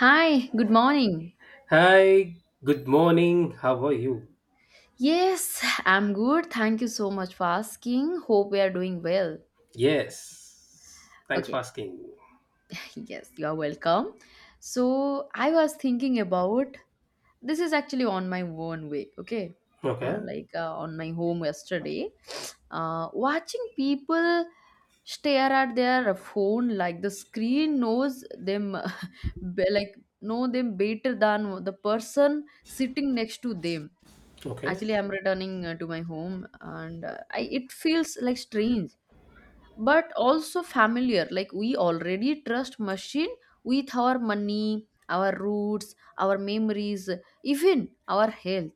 Hi, good morning. Hi, good morning. How are you? Yes, I'm good. Thank you so much for asking. Hope we are doing well. Yes, thanks for Okay, asking. yes, you are welcome. So, I was thinking about this is actually on my own way, okay? Okay, Like on my home yesterday, watching people stare at their phone like the screen knows them, like know them better than the person sitting next to them. okay, Actually, I'm returning to my home, and it feels like strange but also familiar, like we already trust machine with our money, our roots, our memories, even our health.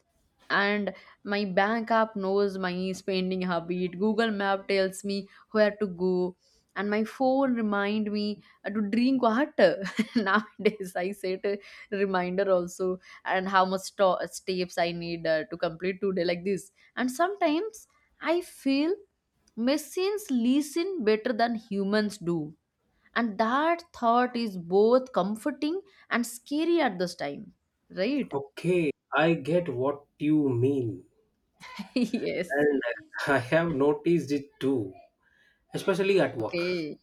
And my bank app knows my spending habit, Google Map tells me where to go, and my phone remind me to drink water. Nowadays I set a reminder also, and how much steps I need to complete today like this. And sometimes I feel machines listen better than humans do. And that thought is both comforting and scary at this time, right? okay. I get what you mean, Yes. and I have noticed it too, especially at work. Okay.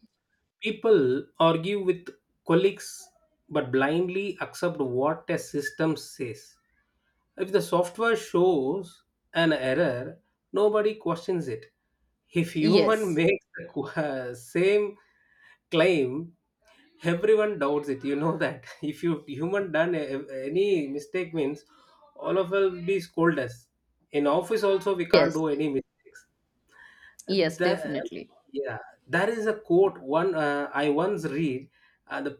People argue with colleagues but blindly accept what a system says. If the software shows an error, nobody questions it. If human Yes. makes the same claim, everyone doubts it, you know that, if you human done any mistake means all of will be scold us in office also we can't Yes. do any mistakes Yes, that. definitely. Yeah, there is a quote one I once read. The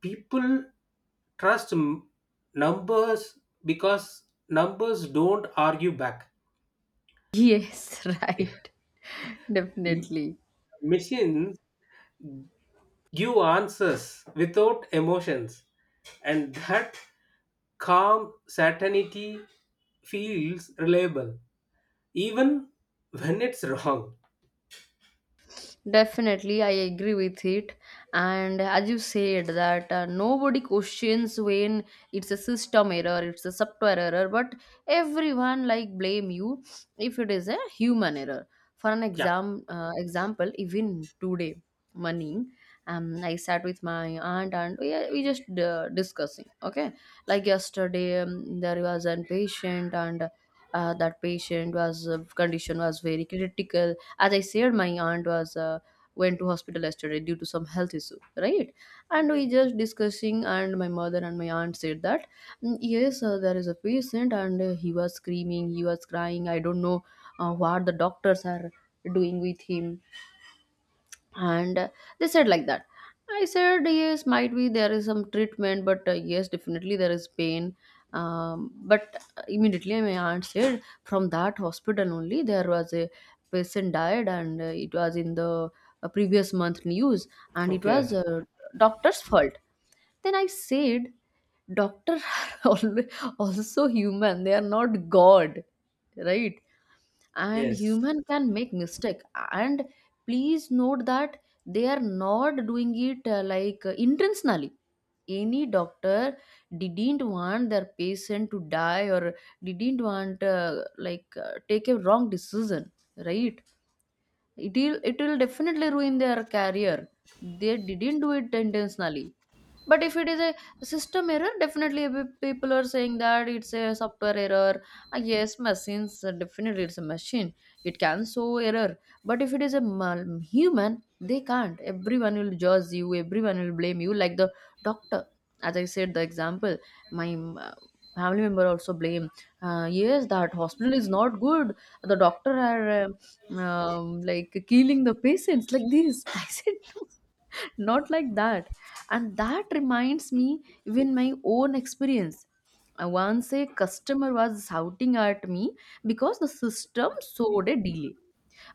people trust numbers because numbers don't argue back. Yes, right. M- Definitely. Machines give answers without emotions, and that calm certainty feels reliable even when it's wrong. Definitely, I agree with it. And as you said, that nobody questions when it's a system error, it's a software error, but everyone like blame you if it is a human error. For an Yeah, example, even today morning, I sat with my aunt, and we just discussing. Okay, like yesterday there was an patient, and that patient was condition was very critical. As I said, my aunt was went to hospital yesterday due to some health issue, right? And we just discussing, and my mother and my aunt said that, "Mm, yes, there is a patient, and he was screaming, he was crying, I don't know what the doctors are doing with him. And they said like that. I said yes, might be there is some treatment, but yes, definitely there is pain. But immediately my aunt said from that hospital only there was a patient died, and it was in the previous month news, and it okay was Abhay. Doctor's fault. Then I said doctor are also human, they are not god, right? And Yes, human can make mistake, and please note that they are not doing it like intentionally. Any doctor didn't want their patient to die, or didn't want like take a wrong decision, right? It will definitely ruin their career, they didn't do it intentionally. But if it is a system error, definitely people are saying that it's a software error. Ah, yes, machines definitely it's a machine, it can show error. But if it is a human, they can't, everyone will judge you, everyone will blame you like the doctor, as I said the example. My family member also blame, yes that hospital is not good, the doctor are like killing the patients like this. I said, no, not like that. And that reminds me even my own experience. Once a customer was shouting at me because the system showed a delay,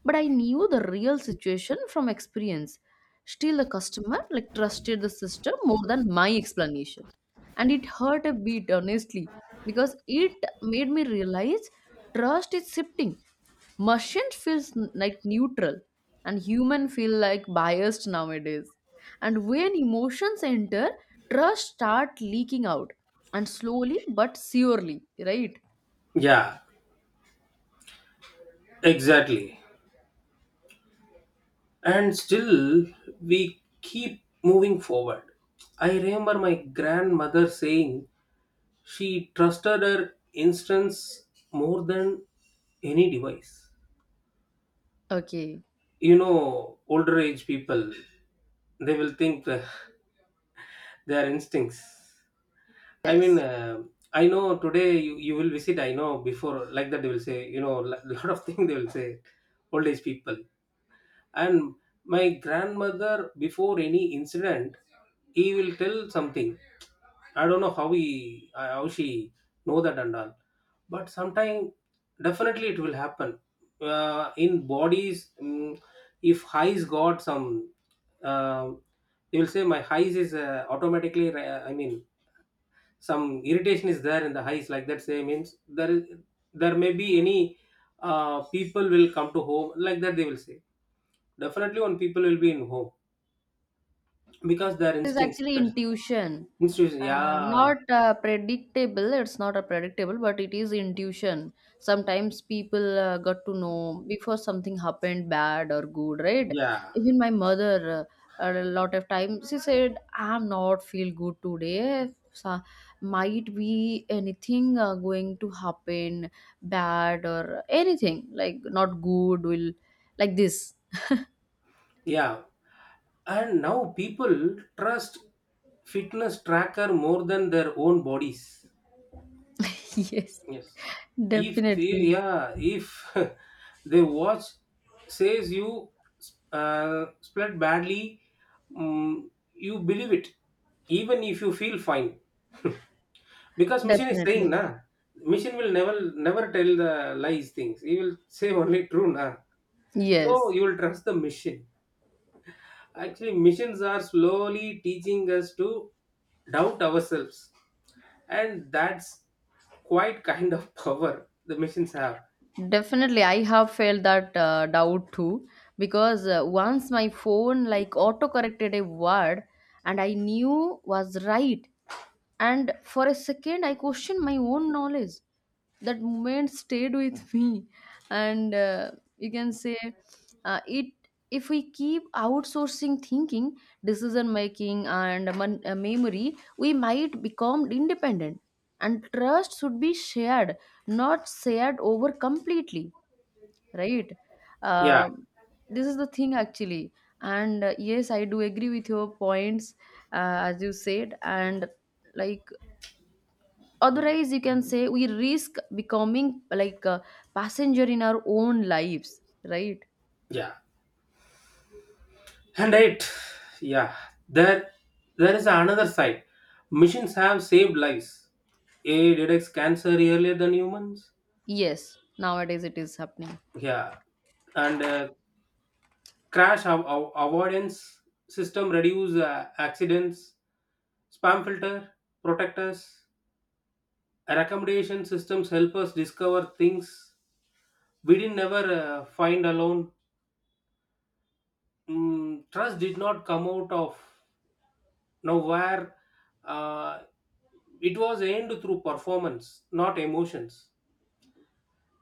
but I knew the real situation from experience. Still the customer like trusted the system more than my explanation, and it hurt a bit honestly, because it made me realize trust is shifting. Machines feels like neutral, and human feel like biased nowadays. And when emotions enter, trust start leaking out, and slowly but surely, right? yeah, exactly, and still we keep moving forward. I remember my grandmother saying she trusted her instincts more than any device. Okay. You know, older age people, they will think that their instincts, I mean, Yes, I know today you, you will visit. I know before like that they will say, you know, lot of things they will say, old age people. And my grandmother, before any incident, he will tell something. I don't know how he how she know that and all, but sometime definitely it will happen in bodies. Mm, if highs got some, uh, they will say my highs is automatically. I mean, some irritation is there in the eyes, like that say means there is there may be any people will come to home, like that they will say definitely when people will be in home, because their is instincts actually that intuition. instincts, yeah. Not predictable. It's not a predictable, but it is intuition. Sometimes people got to know before something happened, bad or good, right? yeah Even my mother, a lot of times, she said, "I'm not feel good today. So, might be anything going to happen, bad or anything like not good. Will like this? yeah and now people trust fitness tracker more than their own bodies. Yes, Yes. If, definitely, yeah, if they watch says you split badly, mm, you believe it, even if you feel fine, because machine is saying definitely." na. Machine will never never tell the lies things. He will say only true na. So Yes, you will trust the machine. Actually, machines are slowly teaching us to doubt ourselves, and that's quite kind of power the machines have. definitely. I have felt that doubt too, because once my phone like auto corrected a word, and I knew was right, and for a second I questioned my own knowledge. That moment stayed with me, and you can say it. If we keep outsourcing thinking, decision making, and memory, we might become independent, and trust should be shared, not shared over completely, right? yeah uh, this is the thing actually, and yes, I do agree with your points, as you said. And like, otherwise you can say we risk becoming like a passenger in our own lives, right? yeah, and it, yeah, there there is another side. Machines have saved lives. AI detects cancer earlier than humans. Yes, nowadays it is happening. Yeah, and crash avoidance system reduce accidents. Spam filter protect us. Recommendation systems help us discover things we didn't never find alone. Mm, trust did not come out of nowhere. uh, it was aimed through performance, not emotions.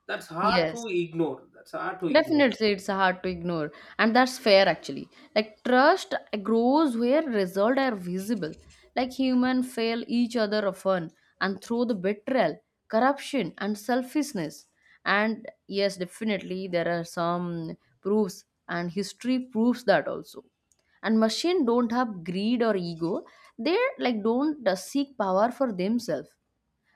that's hard Yes. to ignore that's hard to ignore Definitely, it's hard to ignore, and that's fair actually. Like, trust grows where results are visible. Like, humans fail each other often, and through the betrayal, corruption, and selfishness. And yes, definitely, there are some proofs, and history proves that also. And machine don't have greed or ego, they like don't seek power for themselves,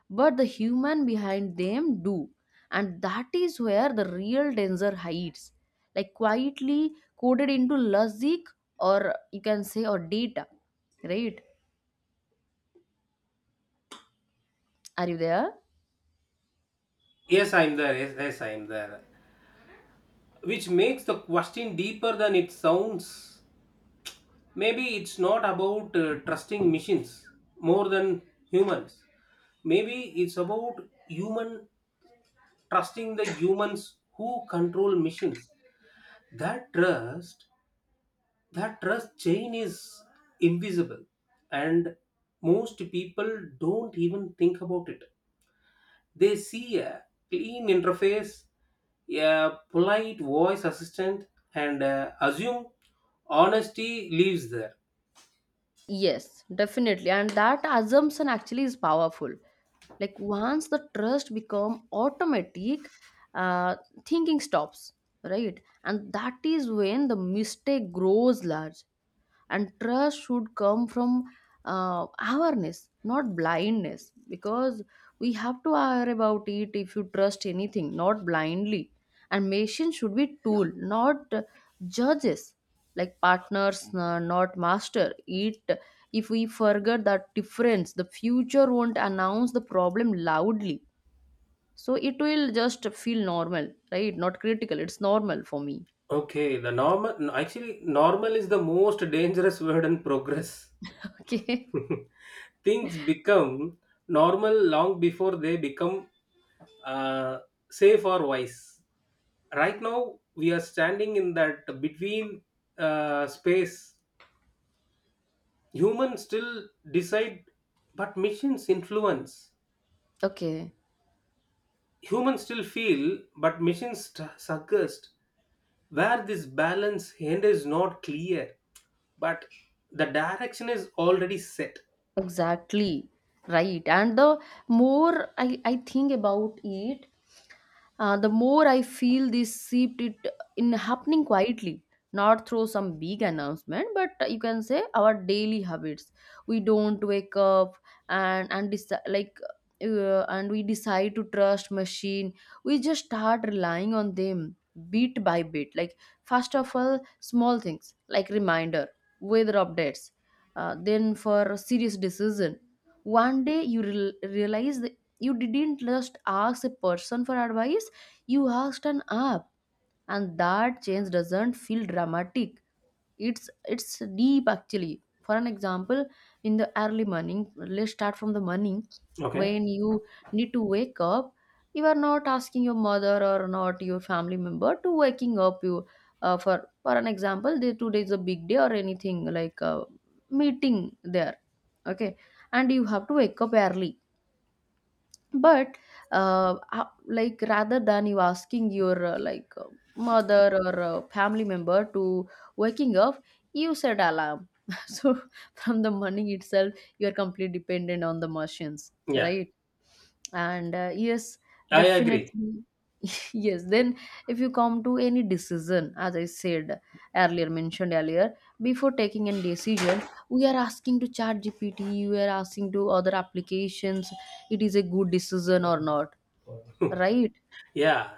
but the human behind them do, and that is where the real danger hides, like quietly coded into logic, or you can say or data, right? Are you there? Yes, I'm there, which makes the question deeper than it sounds. Maybe it's not about trusting machines more than humans. Maybe it's about human trusting the humans who control machines. That trust that trust chain is invisible, and most people don't even think about it. They see a clean interface, a polite voice assistant, and assume honesty lives there. Yes, definitely, and that assumption actually is powerful. Like, once the trust become automatic, uh, thinking stops, right? And that is when the mistake grows large, and trust should come from awareness, not blindness, because we have to aware about it if you trust anything not blindly. And machine should be tool, not judges, like partners, not master it. If we forget that difference, the future won't announce the problem loudly, so it will just feel normal, right? Not critical, it's normal for me. Okay, the normal, actually normal is the most dangerous word in progress. Okay. Things become normal long before they become uh, safe or wise. Right now, we are standing in that between space. Humans still decide, but machines influence. Okay. Humans still feel, but machines suggest. Where this balance end is not clear, but the direction is already set. Exactly. Right. And the more I think about it, the more I feel this seeped it in happening quietly, not through some big announcement, but you can say our daily habits. We don't wake up and and deci- like and we decide to trust machine. We just start relying on them bit by bit. Like first of all, small things like reminder, weather updates. Then for a serious decision, one day you rel realize that you didn't just ask a person for advice, you asked an app, and that change doesn't feel dramatic. It's deep actually. For an example, in the early morning, let's start from the morning Okay, when you need to wake up. You are not asking your mother or not your family member to waking up you. Uh, for for an example, today is a big day or anything like a meeting there. Okay, and you have to wake up early, but like rather than you asking your like mother or family member to waking up you set alarm. So from the morning itself, you are completely dependent on the machines, yeah, right? And yes, I agree. definitely. Yes. Then if you come to any decision, as I said earlier, mentioned earlier, before taking a decision, we are asking to ChatGPT, we are asking to other applications, it is a good decision or not, right? Yeah,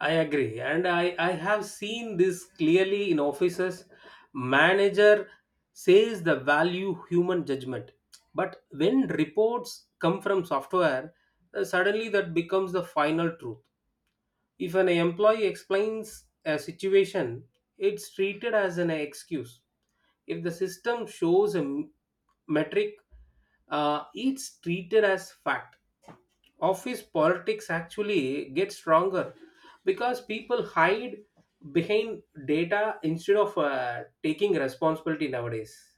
I agree, and I have seen this clearly in offices. Manager says the value human judgment, but when reports come from software, suddenly that becomes the final truth. If an employee explains a situation, it's treated as an excuse. If the system shows metric, it's treated as fact. Office politics actually gets stronger because people hide behind data instead of taking responsibility nowadays.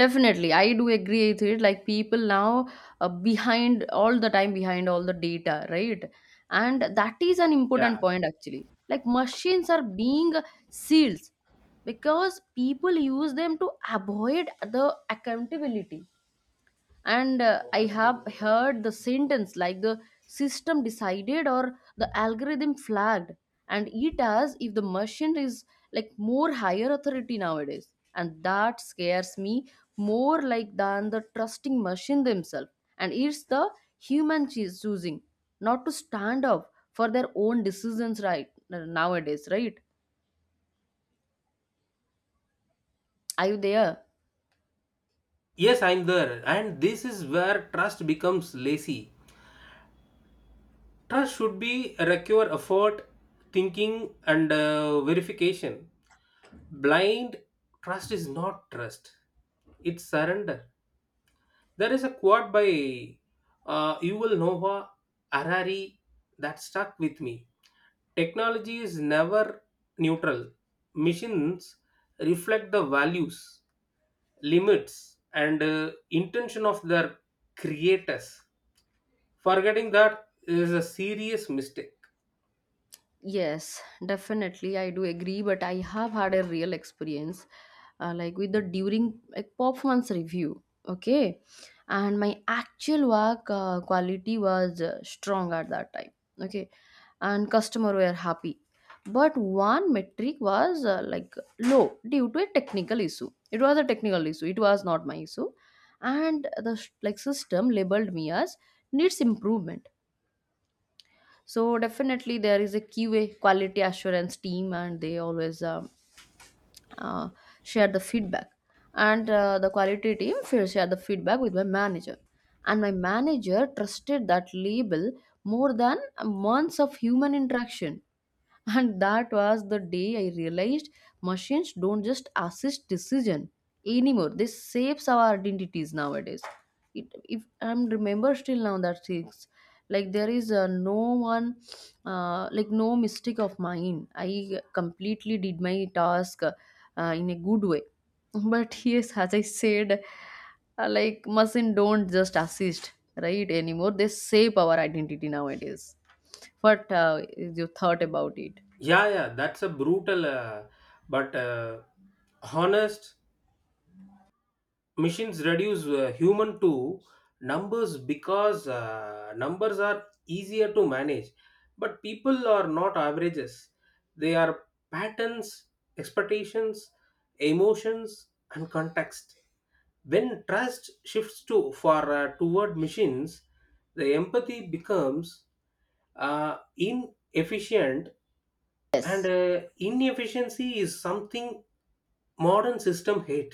Definitely, I do agree with it. Like, people now behind all the time behind all the data, right? And that is an important Yeah. point actually. Like, machines are being seals, because people use them to avoid the accountability. And I have heard the sentence like the system decided or the algorithm flagged, and it as if the machine is like more higher authority nowadays, and that scares me more like than the trusting machine themselves. And it's the human choosing not to stand up for their own decisions, right? Nowadays, right? Are you there? Yes, I'm there. And this is where trust becomes lazy. That should be require effort, thinking, and verification. Blind trust is not trust; it's surrender. There is a quote by Yuval Noah Harari that stuck with me. Technology is never neutral. Machines reflect the values, limits, and intention of their creators. Forgetting that is a serious mistake. Yes, definitely. I do agree, but I have had a real experience like with the during a performance review. Okay. And my actual work quality was strong at that time. Okay. And customer were happy. But one metric was like low due to a technical issue. It was a technical issue. It was not my issue. And the like system labeled me as needs improvement. So definitely there is a QA quality assurance team, and they always uh, share the feedback, and the quality team will share the feedback with my manager, and my manager trusted that label more than months of human interaction. And that was the day I realized machines don't just assist decision anymore, they saves our identities nowadays. It, if I remember still now that things, like there is no one like no mistake of mine, I completely did my task in a good way. But yes, as I said, like machine don't just assist right anymore. They shape our identity nowadays. What is your thought about it? Yeah, that's a brutal, but honest. Machines reduce human to numbers because numbers are easier to manage. But people are not averages. They are patterns, expectations, emotions, and context. When trust shifts to for toward machines, the empathy becomes inefficient, and Yes. Inefficiency is something modern system hate.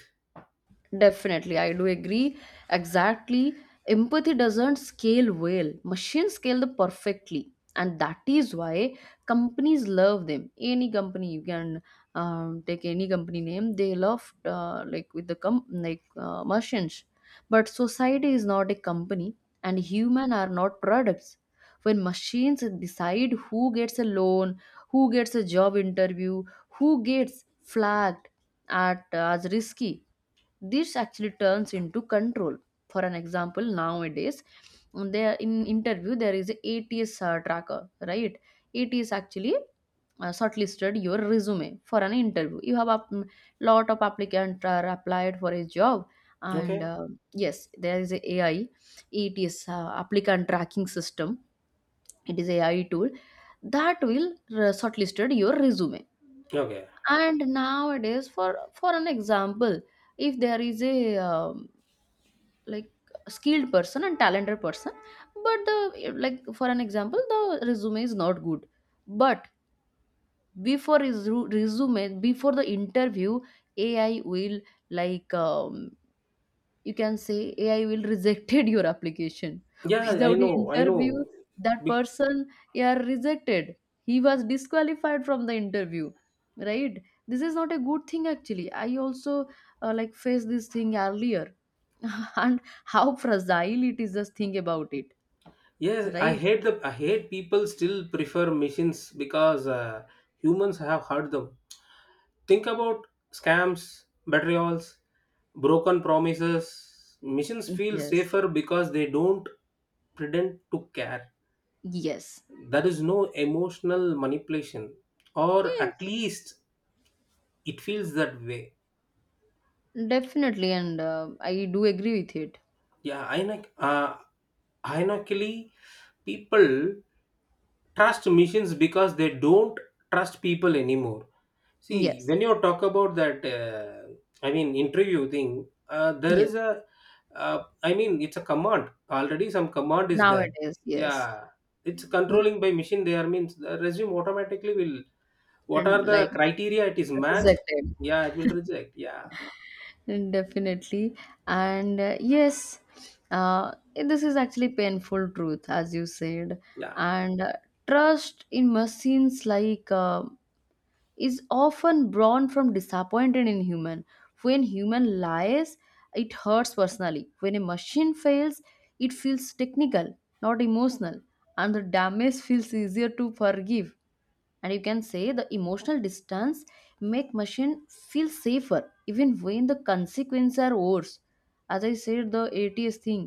Definitely, I do agree. Exactly. Empathy doesn't scale well. Machines scale them perfectly. And that is why companies love them. Any company, you can take any company name, they love like machines. But society is not a company, and human are not products. When machines decide who gets a loan, who gets a job interview, who gets flagged at as risky, this actually turns into control. For an example, nowadays there in interview there is a ats tracker, right? Ats actually shortlisted your resume for an interview. You have a lot of applicant are applied for a job, and okay yes, there is a ai ats, applicant tracking system. It is a ai tool that will shortlisted your resume. okay And nowadays, for an example, if there is a um, like skilled person and talented person, but the, like, for an example, the resume is not good, but before resu resume before the interview, ai will like um, you can say ai will rejected your application yeah i without the know i interview. know That Be- person, yeah, rejected. He was disqualified from the interview, right? This is not a good thing, actually. I also like faced this thing earlier. And how fragile it is, just think about it, yes, I right? hate the, I hate people still prefer machines because humans have hurt them. Think about scams, betrayals, broken promises. Machines feel Yes, safer because they don't pretend to care. yes, There is no emotional manipulation, or yes, at least it feels that way. definitely. And I do agree with it. Yeah, ironically, people trust machines because they don't trust people anymore. See, Yes, when you talk about that, I mean, interview thing, there yes. is a, I mean, it's a command already. Some command is there. Nowadays, yes. Yeah, it's It- controlling by machine. There means the resume automatically will. What are and, like, the criteria it is matched? rejected. Yeah, it will reject. Yeah, Definitely. And yes, this is actually painful truth, as you said. yeah. And trust in machines, is often born from disappointment in human. When human lies, it hurts personally. When a machine fails, it feels technical, not emotional, and the damage feels easier to forgive, and you can say the emotional distance make machine feel safer even when the consequences are worse. As I said, the ats thing,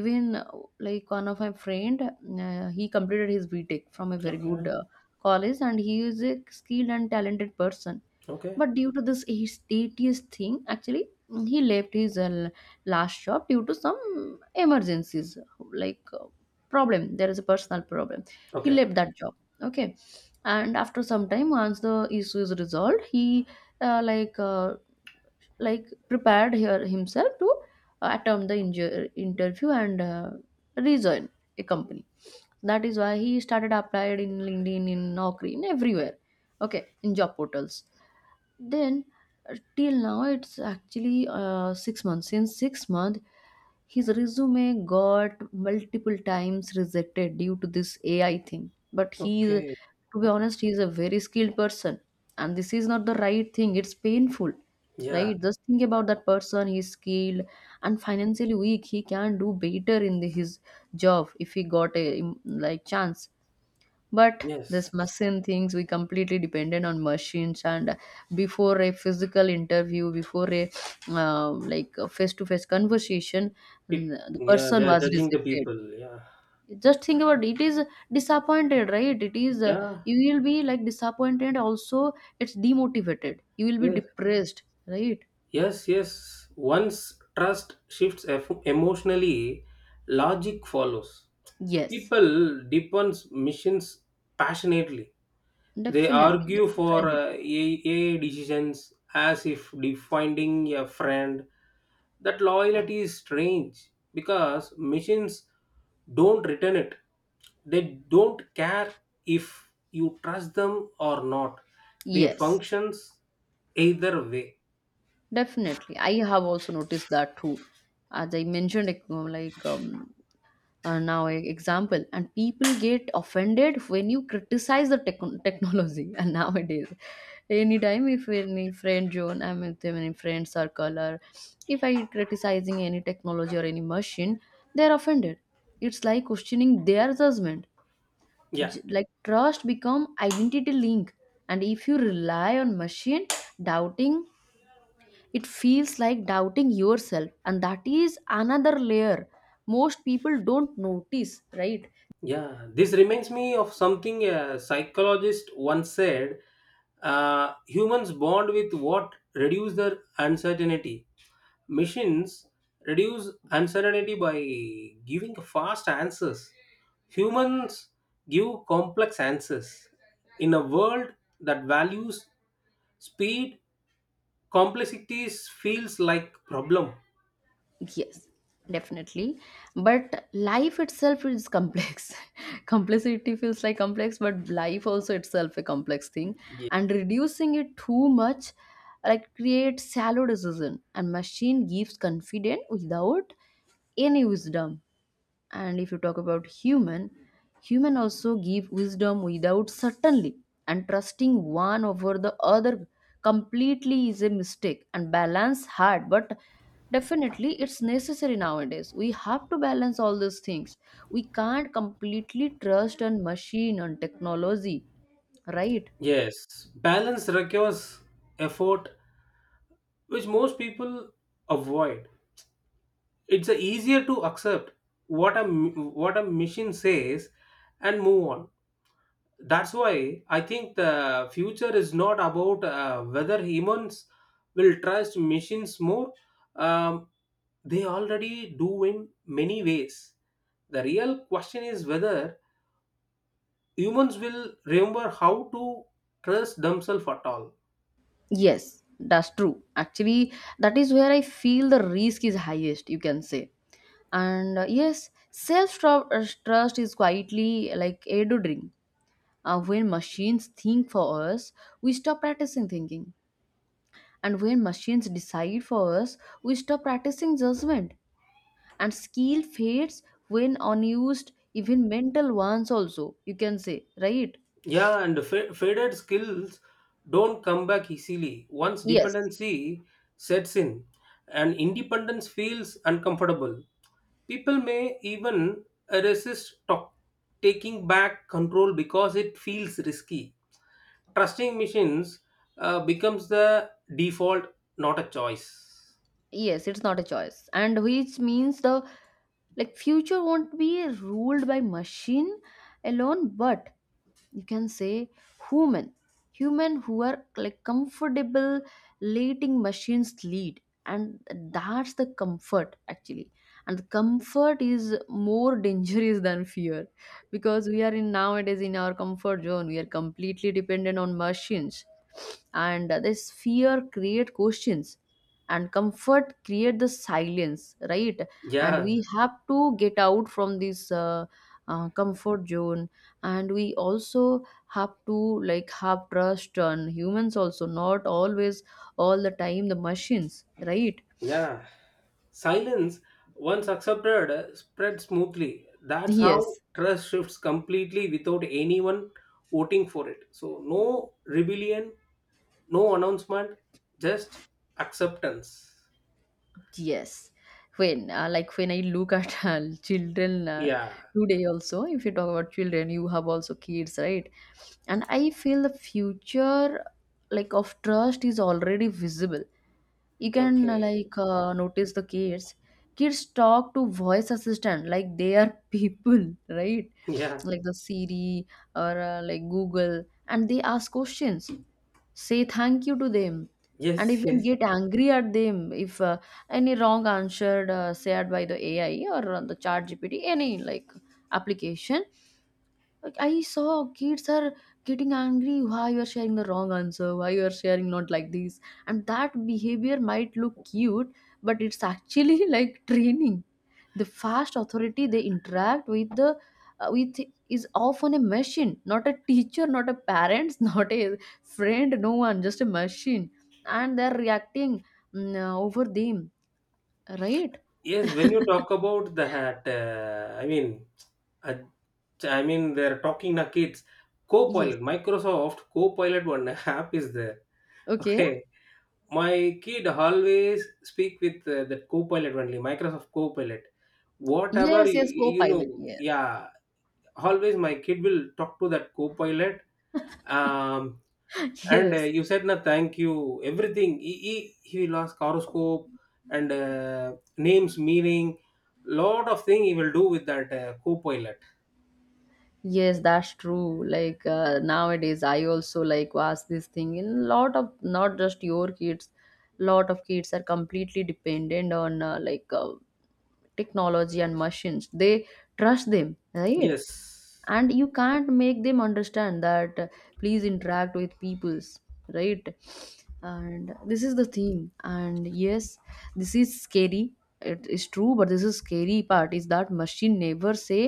even like one of my friend, he completed his B Tech from a very good Okay, college, and he is a skilled and talented person. okay, But due to this, his tedious thing, actually he left his last job due to some emergencies, like uh, problem. There is a personal problem. He okay, left that job, okay, and after some time, once the issue is resolved, he uh, like uh, like prepared here himself to attempt the interview and rejoin a company. That is why he started applied in linkedin, in naukri, in everywhere, okay, in job portals. Then till now, it's actually 6 months. Since 6 months, his resume got multiple times rejected due to this ai thing. But he is, okay. to be honest, he is a very skilled person, and this is not the right thing. It's painful, Yeah. right? Just think about that person. He's skilled and financially weak. He can do better in the, his job if he got a like chance. But this Yes. machine things, we completely dependent on machines, and before a physical interview, before a like a face-to-face conversation, Peop- the yeah, they person are was judging the rejected. people. Yeah. Just think about It is disappointed, right? It is Yeah. you will be like disappointed also. It's demotivated. You will be Yes. depressed, right? Yes. Yes. Once trust shifts emotionally, logic follows. Yes, People depends missions passionately. They definitely. argue for Definitely. AI decisions as if defining a friend. That loyalty is strange because machines don't return it. They don't care if you trust them or not. They Yes, functions either way. definitely. I have also noticed that too. As I mentioned, now example, and people get offended when you criticize the tech technology. And nowadays, anytime if any friend zone, I'm with them in friend circle, or if I criticizing any technology or any machine, they're offended. It's like questioning their judgment. Yeah, Like trust become identity link, and if you rely on machine, doubting it feels like doubting yourself, and that is another layer most people don't notice, right? yeah. This reminds me of something a psychologist once said. Humans bond with what reduce their uncertainty. Machines reduce uncertainty by giving fast answers. Humans give complex answers. In a world that values speed, complexity feels like problem. Yes, definitely. But life itself is complex. Complexity feels like complex, but life also itself a complex thing. Ye- And reducing it too much like creates shallow decision. And machine gives confidence without any wisdom, and if you talk about human, human also give wisdom without certainly, and trusting one over the other completely is a mistake, and balance hard, but definitely it's necessary. Nowadays we have to balance all these things. We can't completely trust on machine, on technology, right? Yes, balance requires effort, which most people avoid. It's a easier to accept what what a machine says and move on. That's why I think the future is not about whether humans will trust machines more. um, they already do in many ways. The real question is whether humans will remember how to trust themselves at all. Yes, that's true actually. That is where I feel the risk is highest, you can say. And yes, self trust is quietly like a do drink. When machines think for us, we stop practicing thinking, and when machines decide for us, we stop practicing judgment, and skill fades when unused. Even mental ones also, you can say, right? Yeah, and faded skills don't come back easily once Yes. dependency sets in, and independence feels uncomfortable. People may even resist to- taking back control because it feels risky. Trusting machines becomes the default, not a choice. Yes, it's not a choice, and which means the, like, future won't be ruled by machine alone, but you can say, human human who are like comfortable letting machines lead, and that's the comfort actually, and the comfort is more dangerous than fear, because we are in nowadays, in our comfort zone, we are completely dependent on machines. And this fear create questions, and comfort create the silence, right? And Yeah, we have to get out from this comfort zone, and we also have to, like, have trust on humans also, not always all the time the machines, right? yeah. Silence, once accepted, spreads smoothly. That's how Yes. trust shifts completely without anyone voting for it. So, no rebellion, no announcement, just acceptance. Yes. When like when I look at children Yeah, today also, if you talk about children, you have also kids, right? And I feel the future like of trust is already visible. You can okay. Notice the kids. Kids talk to voice assistant like they are people, right? Yeah, Like the Siri or like Google, and they ask questions, say thank you to them, and yes, even yes. get angry at them if any wrong answer said by the ai or on the chat gpt any like application. Like I saw kids are getting angry, why you are sharing the wrong answer, why you are sharing not like this. And that behavior might look cute, but it's actually like training. The fast authority they interact with the with is often a machine, not a teacher, not a parents, not a friend, no one, just a machine, and they're reacting, over them, right? Yes, when you talk about that, uh, I mean, they're talking now kids. Yes. Copilot, Microsoft Copilot one app is there. Okay. Okay, my kid always speak with that Copilot only, Microsoft Copilot. Whatever Yes, you, yes, you co-pilot, know, yes. yeah, always my kid will talk to that co-pilot, um, and Yes, you said na thank you everything. He will ask horoscope and names meaning, lot of thing he will do with that co-pilot. yes, that's true. Like nowadays I also like was this thing in lot of, not just your kids, lot of kids are completely dependent on technology and machines. They trust them, right? Yes, And you can't make them understand that please interact with peoples, right? And this is the thing, and yes, this is scary. It is true, but this is scary part is that machine never say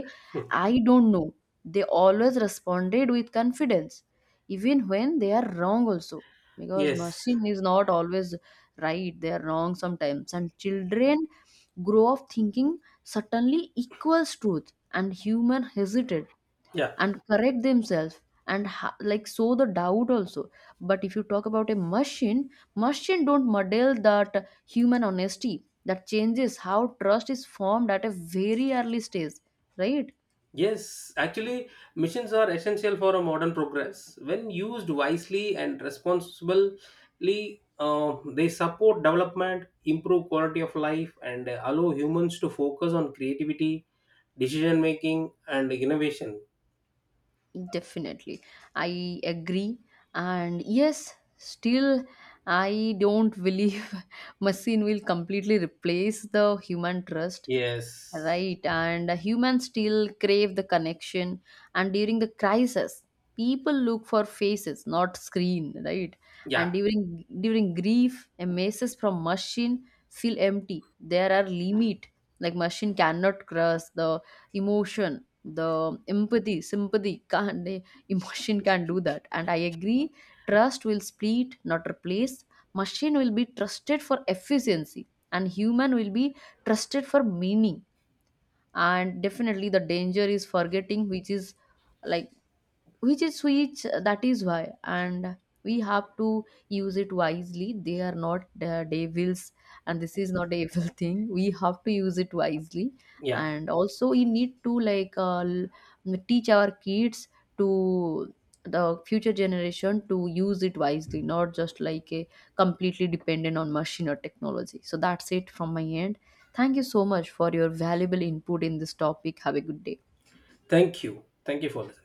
I don't know. They always responded with confidence even when they are wrong also, because yes, machine is not always right. They are wrong sometimes, and children grow up thinking certainly equals truth, and human hesitate yeah. and correct themselves and like sow the doubt also. But if you talk about a machine, machine don't model that human honesty. That changes how trust is formed at a very early stage, right? Yes, actually, missions are essential for a modern progress. When used wisely and responsibly, they support development, improve quality of life, and allow humans to focus on creativity, decision making, and innovation. Definitely. I agree. And yes, still, I don't believe machine will completely replace the human trust. Yes. Right. And humans still crave the connection. And during the crisis, people look for faces, not screen. Right. And Yeah. during grief, a message from machine feel empty. There are limit. Like machine cannot cross the emotion. The empathy, sympathy can not emotion can do that. And I agree, trust will split, not replace. Machine will be trusted for efficiency, and human will be trusted for meaning. And definitely the danger is forgetting which is, like, which is sweet. That is why, and we have to use it wisely. They are not devils, and this is not a evil thing. We have to use it wisely, Yeah. and also we need to teach our kids to, the future generation, to use it wisely, not just like a completely dependent on machine or technology. So that's it from my end. Thank you so much for your valuable input in this topic. Have a good day. Thank you. Thank you for listening.